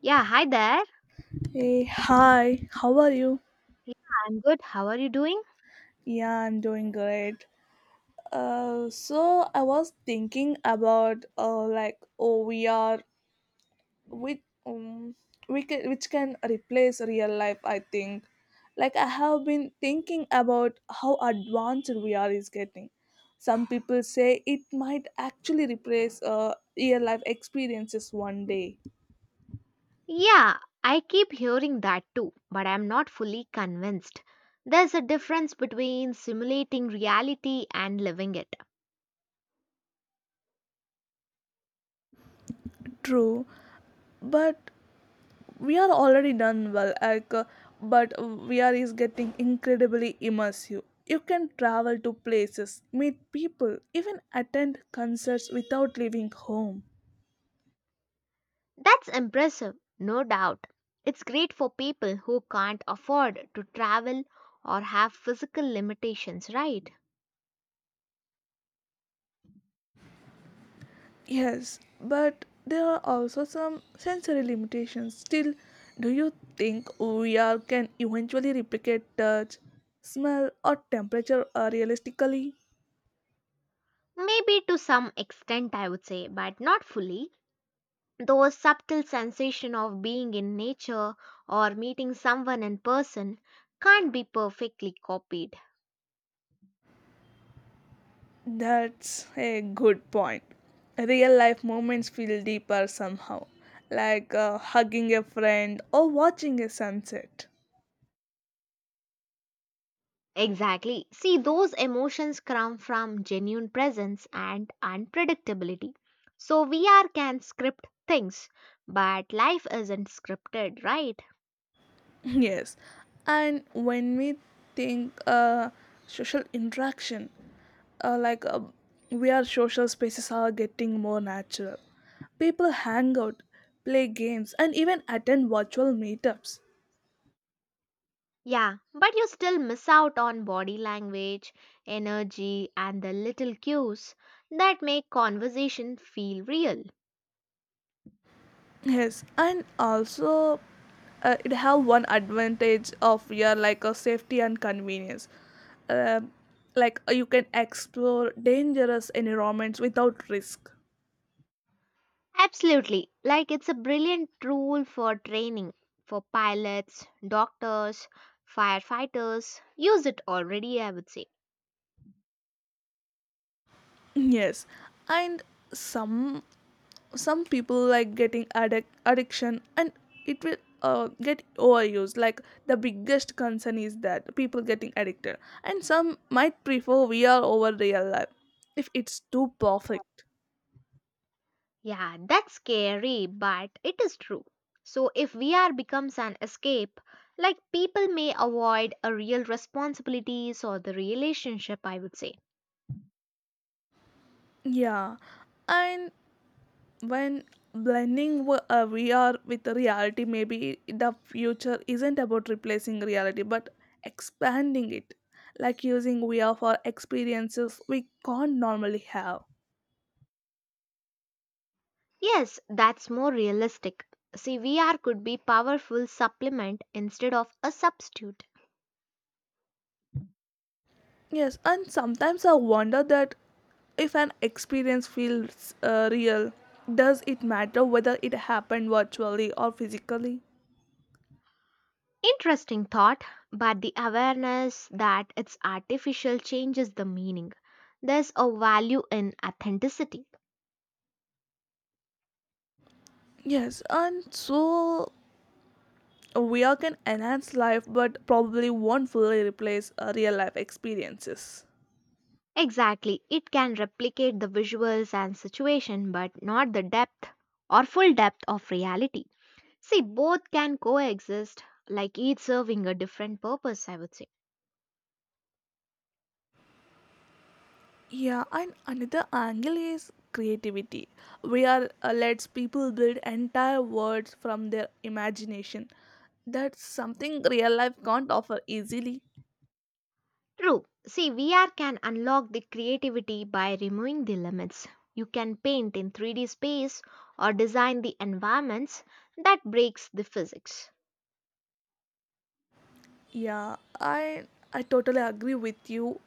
Yeah, hi there. Hey, hi, how are you? Yeah, I'm good. How are you doing? Yeah, I'm doing great. So I was thinking about like OVR with um, we can, which can replace real life. I think, like I have been thinking about how advanced VR is getting. Some people say it might actually replace real life experiences one day. Yeah, I keep hearing that too, but I'm not fully convinced. There's a difference between simulating reality and living it. True, but we are already done well but VR is getting incredibly immersive. You can travel to places, meet people, even attend concerts without leaving home. That's impressive, no doubt. It's great for people who can't afford to travel or have physical limitations, right? Yes, but there are also some sensory limitations still. Do you think VR can eventually replicate touch, smell or temperature realistically? Maybe to some extent, I would say, but not fully. Those subtle sensation of being in nature or meeting someone in person can't be perfectly copied. That's a good point. Real life moments feel deeper somehow, like hugging a friend or watching a sunset. Exactly. See, those emotions come from genuine presence and unpredictability. So, VR can script things, but life isn't scripted, right? Yes, and when we think social interaction, uh, like uh, we are social spaces are getting more natural. People hang out, play games, and even attend virtual meetups. Yeah, but you still miss out on body language, energy, and the little cues that make conversation feel real. Yes, and also it have one advantage of your like a safety and convenience. Um you can explore dangerous environments without risk. Absolutely. Like it's a brilliant tool for training for pilots, doctors, firefighters. Use it already, I would say. Yes, and some some people like getting addiction and it will get overused. Like the biggest concern is that people getting addicted, and some might prefer VR over real life if it's too perfect. Yeah, that's scary, but it is true. So if VR becomes an escape, like people may avoid a real responsibilities or the relationship, I would say. Yeah, and when blending VR with reality, maybe the future isn't about replacing reality but expanding it, like using VR for experiences we can't normally have. Yes, that's more realistic. See, VR could be powerful supplement instead of a substitute. Yes, and sometimes I wonder that if an experience feels real, does it matter whether it happened virtually or physically? Interesting thought, but the awareness that it's artificial changes the meaning. There's a value in authenticity. Yes, and so VR can enhance life but probably won't fully replace real life experiences. Exactly, it can replicate the visuals and situation, but not the depth or full depth of reality. See, both can coexist, like each serving a different purpose, I would say. Yeah, and another angle is creativity. We are lets people build entire worlds from their imagination. That's something real life can't offer easily. True. See, VR can unlock the creativity by removing the limits. You can paint in 3D space or design the environments that breaks the physics. Yeah, I totally agree with you.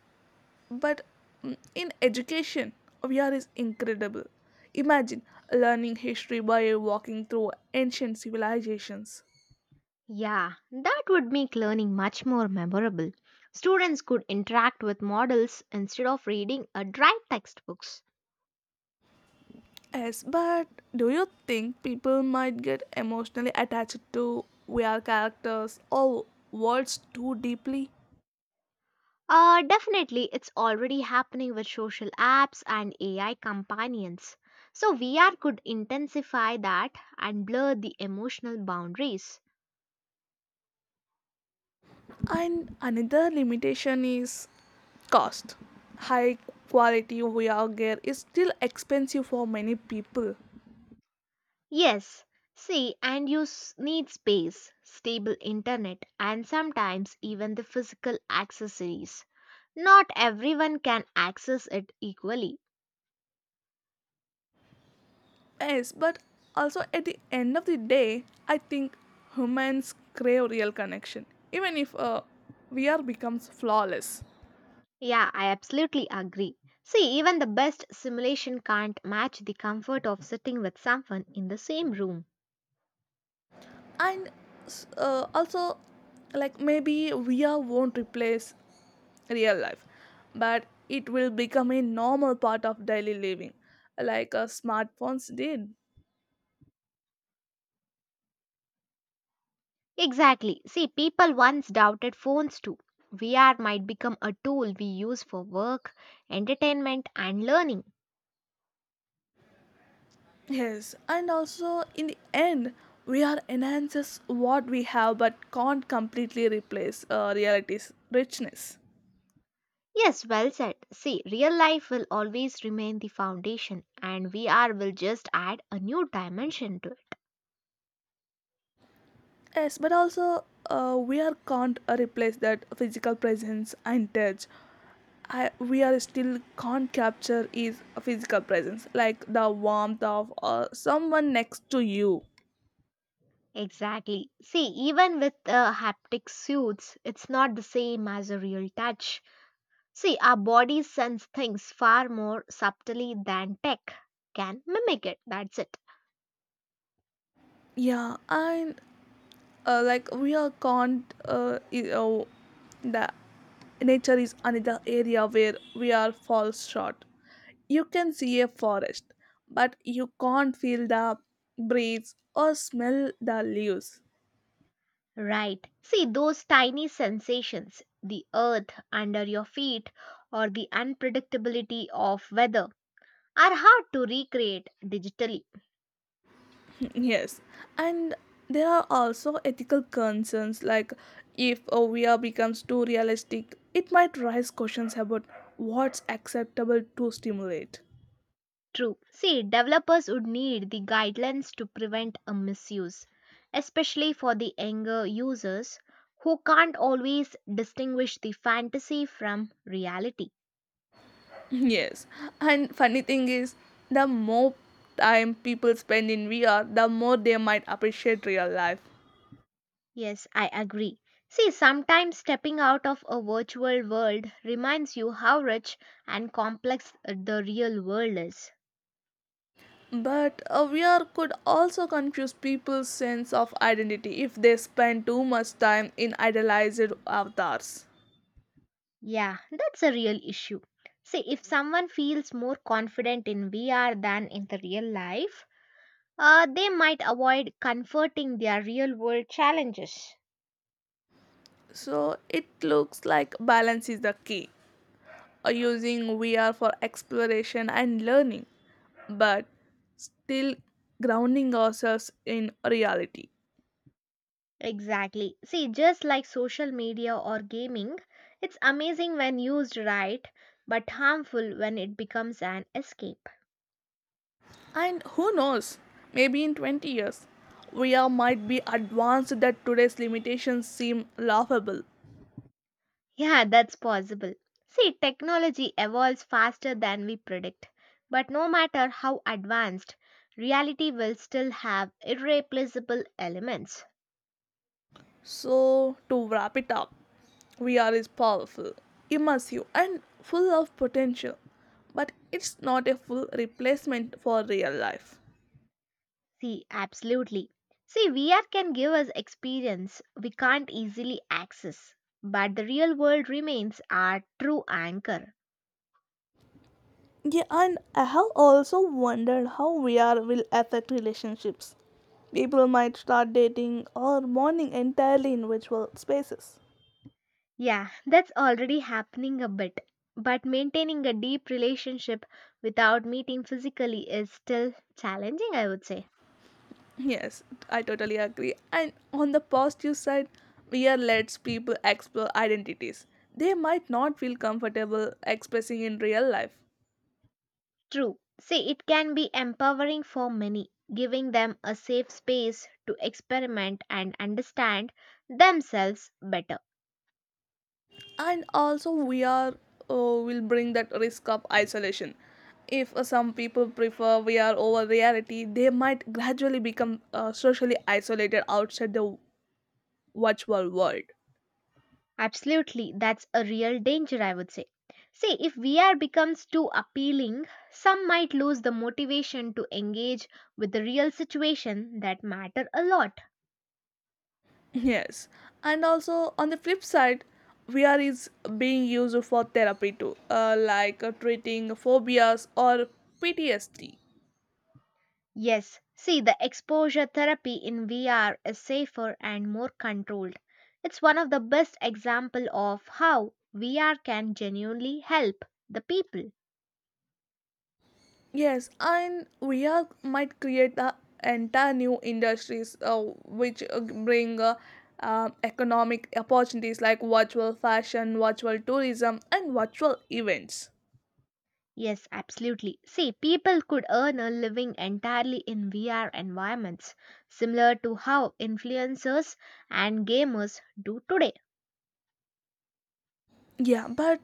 But in education, VR is incredible. Imagine learning history by walking through ancient civilizations. Yeah, that would make learning much more memorable. Students could interact with models instead of reading a dry textbooks. Yes, but do you think people might get emotionally attached to VR characters or worlds too deeply? Definitely, it's already happening with social apps and AI companions. So, VR could intensify that and blur the emotional boundaries. And another limitation is cost. High quality VR gear is still expensive for many people. Yes, see, and you need space, stable internet, and sometimes even the physical accessories. Not everyone can access it equally. Yes, but also at the end of the day, I think humans crave real connection, even if VR becomes flawless. Yeah, I absolutely agree. See, even the best simulation can't match the comfort of sitting with someone in the same room. And also, like maybe VR won't replace real life, but it will become a normal part of daily living, like smartphones did. Exactly. See, people once doubted phones too. VR might become a tool we use for work, entertainment, and learning. Yes, and also in the end, VR enhances what we have but can't completely replace reality's richness. Yes, well said. See, real life will always remain the foundation, and VR will just add a new dimension to it. Yes, but also we are can't replace that physical presence and touch. I, we are still can't capture is a physical presence like the warmth of someone next to you. Exactly. See, even with haptic suits, it's not the same as a real touch. See, our bodies sense things far more subtly than tech can mimic it. That's it. Yeah and like we are can't the nature is another area where we are fall short. You can see a forest but you can't feel the breeze or smell the leaves. Right. See, those tiny sensations, the earth under your feet, or the unpredictability of weather, are hard to recreate digitally. Yes, and there are also ethical concerns like if a VR becomes too realistic, it might raise questions about what's acceptable to stimulate. True. See, developers would need the guidelines to prevent a misuse, especially for the younger users who can't always distinguish the fantasy from reality. Yes, and funny thing is, the more time people spend in VR, the more they might appreciate real life. Yes, I agree. See, sometimes stepping out of a virtual world reminds you how rich and complex the real world is. But a VR could also confuse people's sense of identity if they spend too much time in idealized avatars. Yeah, that's a real issue. See, if someone feels more confident in VR than in the real life, they might avoid confronting their real world challenges. So it looks like balance is the key, using VR for exploration and learning, but still grounding ourselves in reality. Exactly. See, just like social media or gaming, it's amazing when used right, but harmful when it becomes an escape. And who knows, maybe in 20 years, VR might be advanced that today's limitations seem laughable. Yeah, that's possible. See, technology evolves faster than we predict, but no matter how advanced, reality will still have irreplaceable elements. So, to wrap it up, VR is powerful, immersive, and full of potential, but it's not a full replacement for real life. See, absolutely. See, VR can give us experience we can't easily access, but the real world remains our true anchor. Yeah, and I have also wondered how VR will affect relationships. People might start dating or bonding entirely in virtual spaces. Yeah, that's already happening a bit, but maintaining a deep relationship without meeting physically is still challenging, I would say. Yes, I totally agree. And on the positive side, VR lets people explore identities they might not feel comfortable expressing in real life. True. See, it can be empowering for many, giving them a safe space to experiment and understand themselves better. And also we are uh, will bring that risk of isolation. If some people prefer VR over reality, they might gradually become socially isolated outside the virtual world. Absolutely, that's a real danger, I would say. See, if VR becomes too appealing, some might lose the motivation to engage with the real situation that matter a lot. Yes, and also on the flip side, vr is being used for therapy too treating phobias or PTSD. Yes, see, the exposure therapy in VR is safer and more controlled. It's one of the best example of how VR can genuinely help the people. Yes, and we are might create the entire new industries which bring economic opportunities like virtual fashion, virtual tourism, and virtual events. Yes, absolutely. See, people could earn a living entirely in VR environments, similar to how influencers and gamers do today. Yeah, but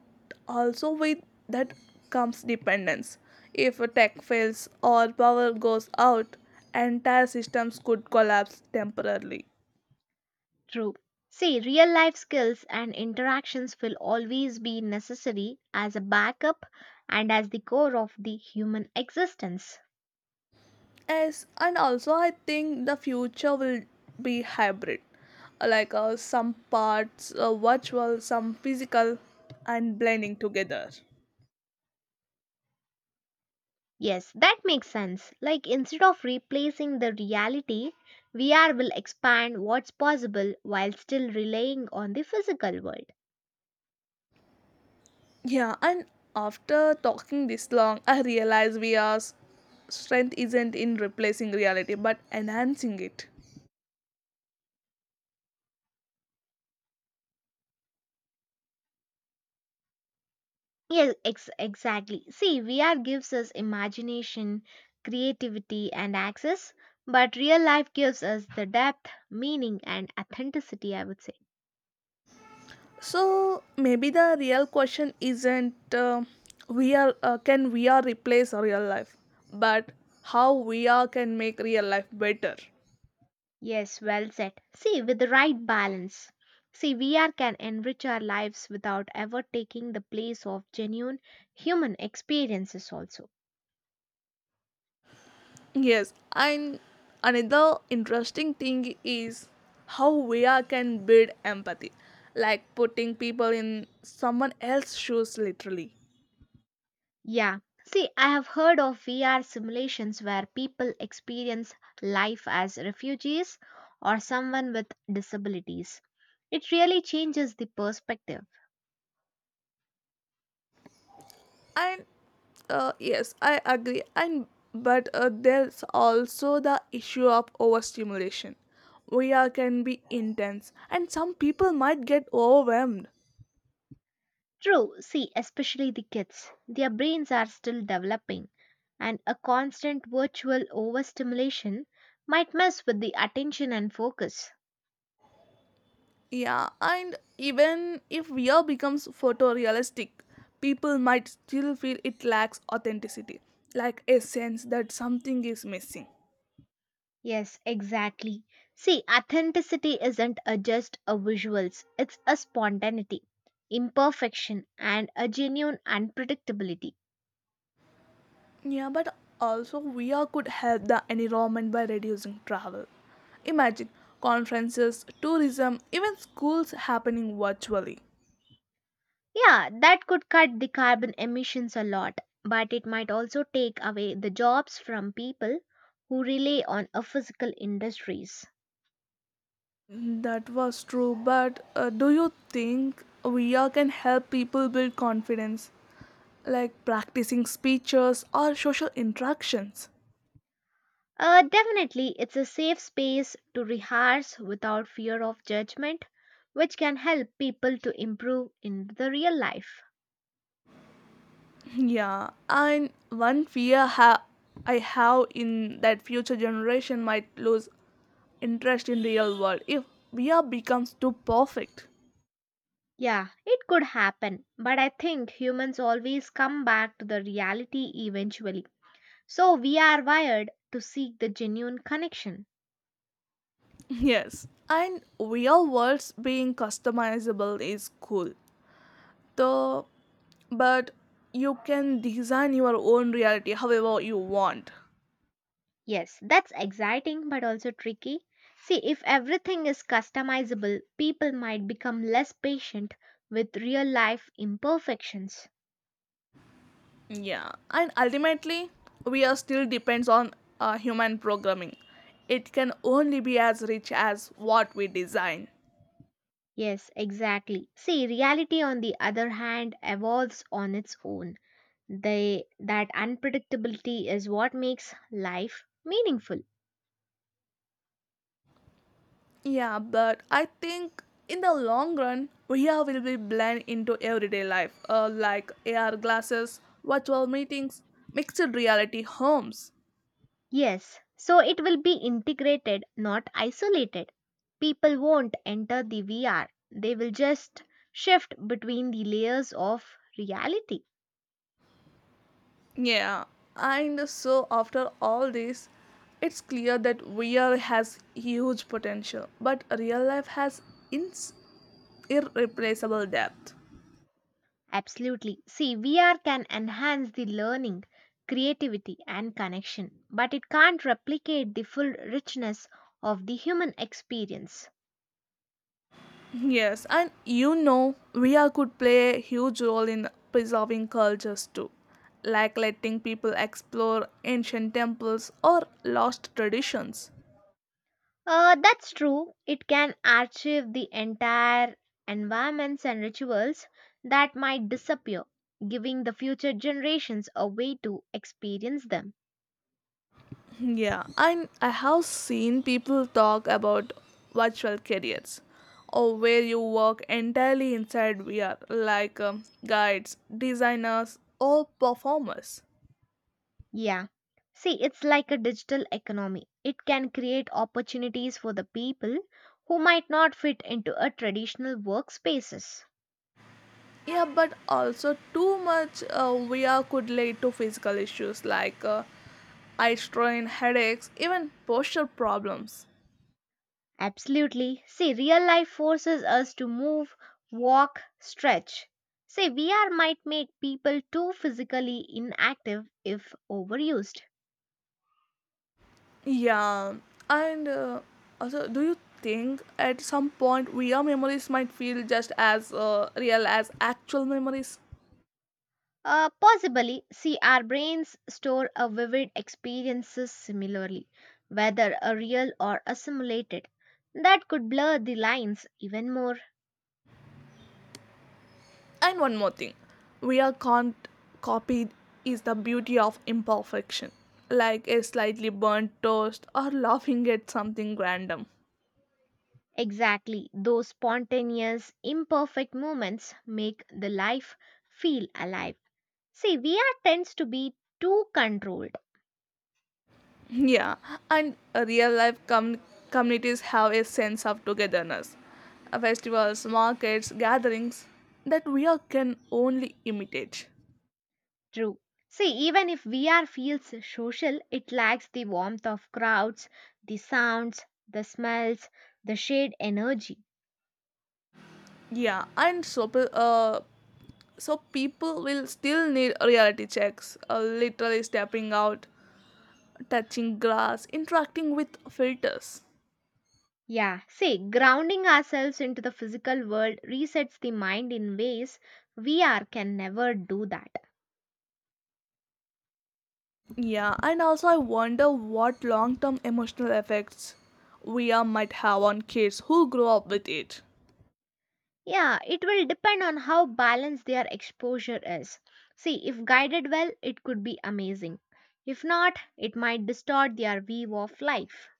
also with that comes dependence. If a tech fails or power goes out, entire systems could collapse temporarily. True. See, real life skills and interactions will always be necessary as a backup and as the core of the human existence. Yes, and also I think the future will be hybrid, like some parts virtual, some physical, and blending together. Yes, that makes sense. Like, instead of replacing the reality, VR will expand what's possible while still relying on the physical world. Yeah, and after talking this long, I realize we are strength isn't in replacing reality but enhancing it. Yes, exactly. See, VR gives us imagination, creativity, and access, but real life gives us the depth, meaning, and authenticity, I would say. So maybe the real question isn't we are can we are replace real life, but how we are can make real life better. Yes, well said. See, with the right balance. See, VR can enrich our lives without ever taking the place of genuine human experiences, also. Yes, and another interesting thing is how VR can build empathy, like putting people in someone else's shoes literally. Yeah. See, I have heard of VR simulations where people experience life as refugees or someone with disabilities. It really changes the perspective. And yes, I agree. And but there's also the issue of overstimulation. VR can be intense, and some people might get overwhelmed. True, see, especially the kids. Their brains are still developing, and a constant virtual overstimulation might mess with the attention and focus. Yeah, and even if VR becomes photorealistic, people might still feel it lacks authenticity, like a sense that something is missing. Yes, exactly. See, authenticity isn't a just a visuals, it's a spontaneity, imperfection, and a genuine unpredictability. Yeah, but also VR could help the environment by reducing travel. Imagine conferences, tourism, even schools happening virtually. Yeah, that could cut the carbon emissions a lot, but it might also take away the jobs from people who rely on a physical industries. That was true, but do you think VR can help people build confidence, like practicing speeches or social interactions? Definitely, it's a safe space to rehearse without fear of judgment, which can help people to improve in the real life. Yeah, and one fear I have in that future generation might lose interest in real world if VR becomes too perfect. Yeah, it could happen, but I think humans always come back to the reality eventually. So we are wired to seek the genuine connection. Yes, and real worlds being customizable is cool, though. But you can design your own reality however you want. Yes, that's exciting but also tricky. See, if everything is customizable, people might become less patient with real life imperfections. Yeah, and ultimately, VR still depends on human programming. It can only be as rich as what we design. Yes, exactly. See, reality on the other hand evolves on its own. They, that unpredictability is what makes life meaningful. Yeah, but I think in the long run, VR will be blend into everyday life, like AR glasses, virtual meetings, mixed reality homes. Yes, so it will be integrated, not isolated. People won't enter the VR, they will just shift between the layers of reality. Yeah, and so after all this, it's clear that VR has huge potential, but real life has ins- irreplaceable depth. Absolutely. See, VR can enhance the learning, creativity, and connection, but it can't replicate the full richness of the human experience. Yes, and you know, VR could play a huge role in preserving cultures too, like letting people explore ancient temples or lost traditions. That's true. It can archive the entire environments and rituals that might disappear, giving the future generations a way to experience them. Yeah, and I have seen people talk about virtual careers or where you work entirely inside VR, like guides, designers, or performers. Yeah. See, it's like a digital economy. It can create opportunities for the people who might not fit into a traditional workspaces. Yeah, but also too much VR could lead to physical issues like eye strain, headaches, even posture problems. Absolutely. See, real life forces us to move, walk, stretch. See, VR might make people too physically inactive if overused. Yeah, and also, do you think at some point VR memories might feel just as real as actual memories? Possibly, see, our brains store a vivid experiences similarly, whether a real or a simulated. That could blur the lines even more. And one more thing, VR can't copy is the beauty of imperfection, like a slightly burnt toast or laughing at something random. Exactly, those spontaneous, imperfect moments make the life feel alive. See, we are tends to be too controlled. Yeah, and real life communities have a sense of togetherness. Festivals, markets, gatherings that we all can only imitate. True. See, even if we are feels social, it lacks the warmth of crowds, the sounds, the smells, the shared energy. Yeah, and so, so people will still need reality checks, literally stepping out, touching grass, interacting with filters. Yeah, see, grounding ourselves into the physical world resets the mind in ways we are can never do that. Yeah, and also I wonder what long term emotional effects VR might have on kids who grow up with it. Yeah, it will depend on how balanced their exposure is. See, if guided well, it could be amazing. If not, it might distort their view of life.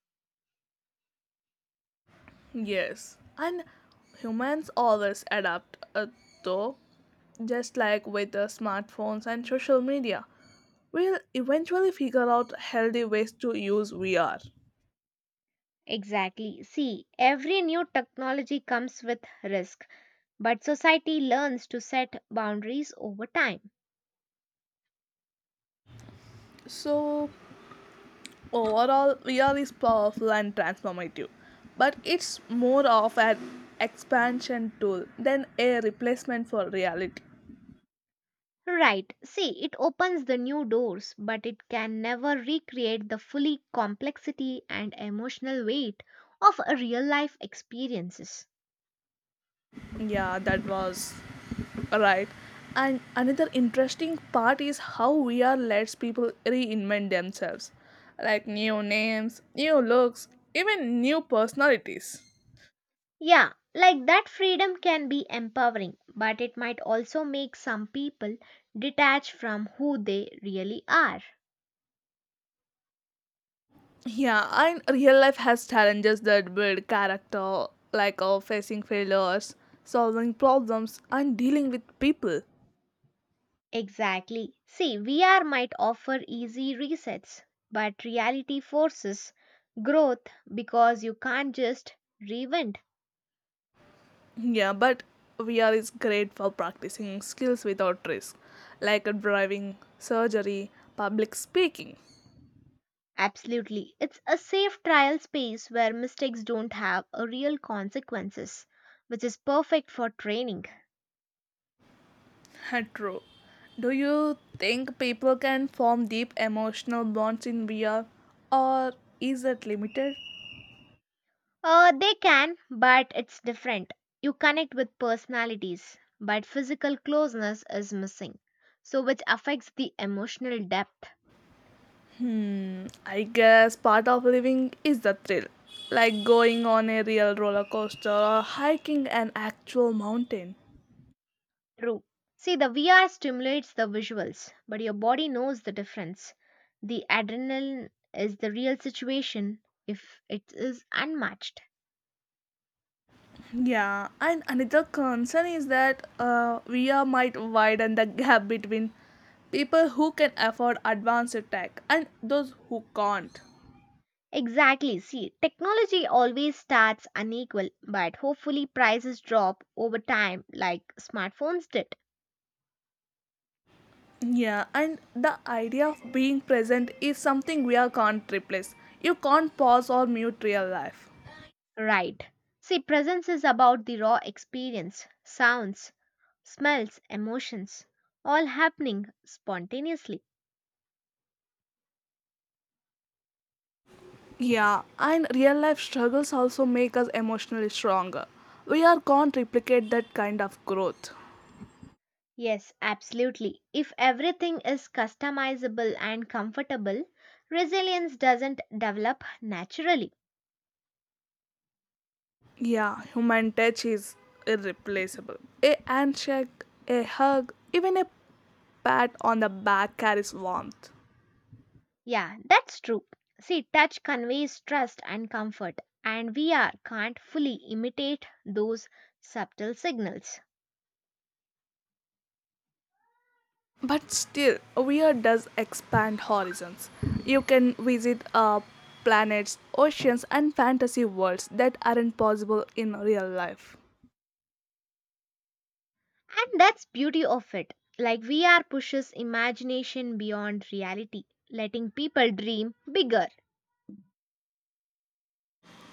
Yes, and humans always adapt, though, just like with the smartphones and social media. We'll eventually figure out healthy ways to use VR. Exactly. See, every new technology comes with risk, but society learns to set boundaries over time. So, overall, VR is powerful and transformative, but it's more of an expansion tool than a replacement for reality. Right. See, it opens the new doors, but it can never recreate the fully complexity and emotional weight of a real life experiences. Yeah, that was right. And another interesting part is how VR lets people reinvent themselves, like new names, new looks, even new personalities. Yeah, like that freedom can be empowering, but it might also make some people detach from who they really are. Yeah, and real life has challenges that build character, like facing failures, solving problems, and dealing with people. Exactly. See, VR might offer easy resets, but reality forces growth because you can't just reinvent. Yeah, but VR is great for practicing skills without risk, like driving, surgery, public speaking. Absolutely. It's a safe trial space where mistakes don't have a real consequences, which is perfect for training. True. Do you think people can form deep emotional bonds in VR or is that limited? They can, but it's different. You connect with personalities, but physical closeness is missing, so which affects the emotional depth. Hmm, I guess part of living is the thrill, like going on a real roller coaster or hiking an actual mountain. True. See, the VR stimulates the visuals, but your body knows the difference. The adrenaline is the real situation if it is unmatched. Yeah, and another concern is that VR might widen the gap between people who can afford advanced tech and those who can't. Exactly. See, technology always starts unequal, but hopefully prices drop over time like smartphones did. Yeah, and the idea of being present is something we are can't replace. You can't pause or mute real life. Right. See, presence is about the raw experience, sounds, smells, emotions, all happening spontaneously. Yeah, and real life struggles also make us emotionally stronger. We are can't replicate that kind of growth. Yes, absolutely. If everything is customizable and comfortable, resilience doesn't develop naturally. Yeah, human touch is irreplaceable. A handshake, a hug, even a pat on the back carries warmth. Yeah, that's true. See, touch conveys trust and comfort, and VR can't fully imitate those subtle signals. But still, VR does expand horizons. You can visit planets, oceans, and fantasy worlds that aren't possible in real life. And that's beauty of it. Like VR pushes imagination beyond reality, letting people dream bigger.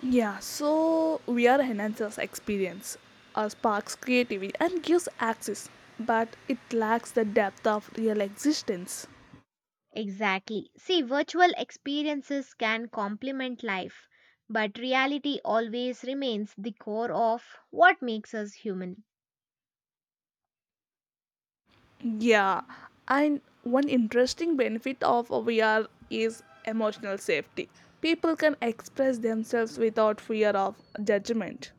Yeah, so VR enhances experience, sparks creativity, and gives access, but it lacks the depth of real existence. Exactly. See, virtual experiences can complement life, but reality always remains the core of what makes us human. Yeah, and one interesting benefit of VR is emotional safety. People can express themselves without fear of judgment.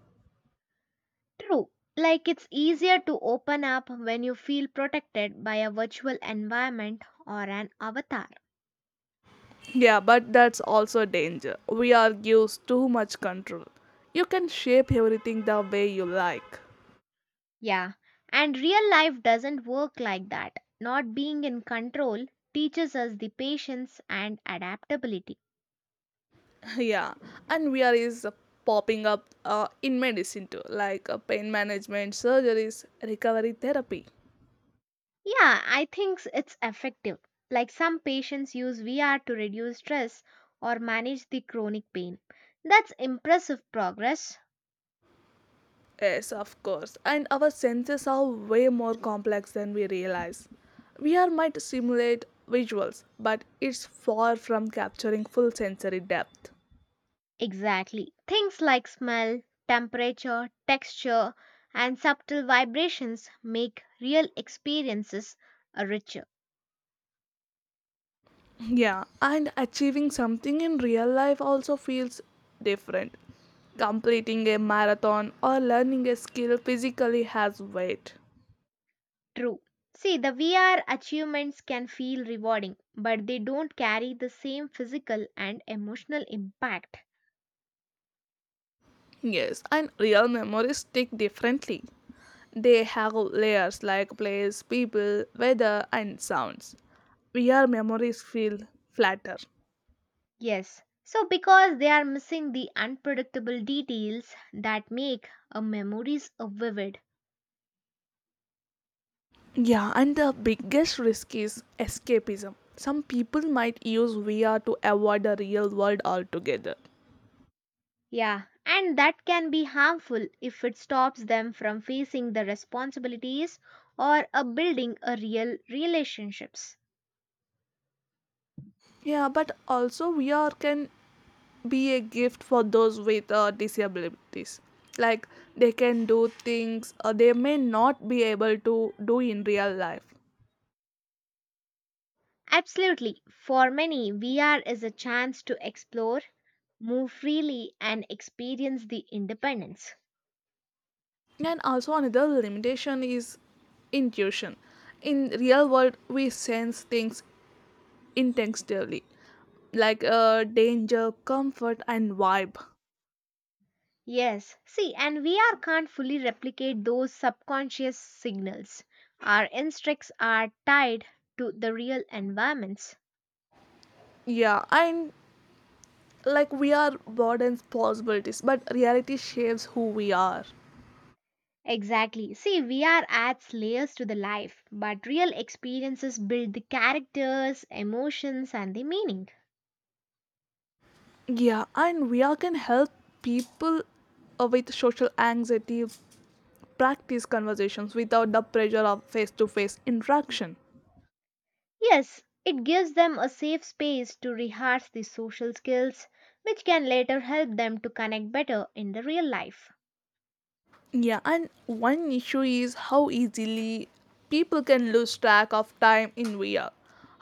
True. Like it's easier to open up when you feel protected by a virtual environment or an avatar. Yeah, but that's also a danger. We are gives too much control. You can shape everything the way you like. Yeah. And real life doesn't work like that. Not being in control teaches us the patience and adaptability. Yeah, and we are is popping up in medicine too, like pain management, surgeries, recovery therapy. Yeah, I think it's effective. Like some patients use VR to reduce stress or manage the chronic pain. That's impressive progress. Yes, of course. And our senses are way more complex than we realize. VR might simulate visuals, but it's far from capturing full sensory depth. Exactly. Things like smell, temperature, texture, and subtle vibrations make real experiences richer. Yeah, and achieving something in real life also feels different. Completing a marathon or learning a skill physically has weight. True. See, the VR achievements can feel rewarding, but they don't carry the same physical and emotional impact. Yes, and real memories stick differently. They have layers like place, people, weather, and sounds. Real memories feel flatter. Yes. So, because they are missing the unpredictable details that make a memories a vivid. Yeah, and the biggest risk is escapism. Some people might use VR to avoid the real world altogether. Yeah, and that can be harmful if it stops them from facing the responsibilities or a building a real relationships. Yeah, but also VR can be a gift for those with disabilities, like they can do things they may not be able to do in real life. Absolutely. For many, VR is a chance to explore, move freely and experience the independence. And also another limitation is intuition. In real world we sense things instinctively, like danger, comfort and vibe. Yes, see, and VR can't fully replicate those subconscious signals. Our instincts are tied to the real environments. Yeah and like we are broadens possibilities but reality shapes who we are. Exactly. See, VR adds layers to the life, but real experiences build the characters, emotions, and the meaning. Yeah and we are can help people with social anxiety practice conversations without the pressure of face to face interaction. Yes, it gives them a safe space to rehearse the social skills, which can later help them to connect better in the real life. Yeah, and one issue is how easily people can lose track of time in VR.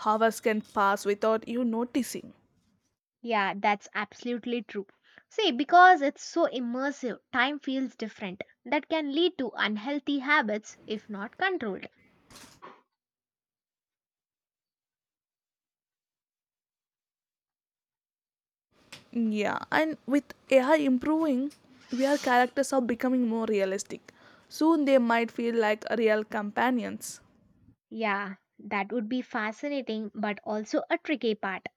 Hours can pass without you noticing. Yeah, that's absolutely true. See, because it's so immersive, time feels different. That can lead to unhealthy habits if not controlled. Yeah, and with AI improving, VR characters are becoming more realistic. Soon they might feel like real companions. Yeah, that would be fascinating, but also a tricky part.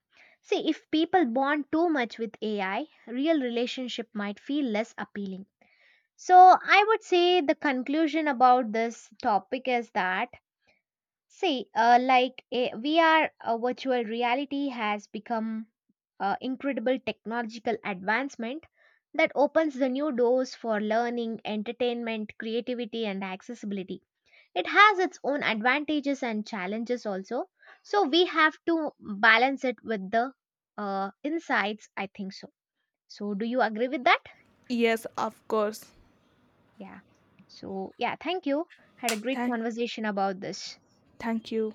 See, if people bond too much with AI, real relationship might feel less appealing. So, I would say the conclusion about this topic is that, see, like a VR virtual reality has become incredible technological advancement that opens the new doors for learning, entertainment, creativity, and accessibility. It has its own advantages and challenges also. So we have to balance it with the insights. I think so. So do you agree with that? Yes, of course. Yeah. So yeah, thank you. Had a great Thank, conversation about this. thank you.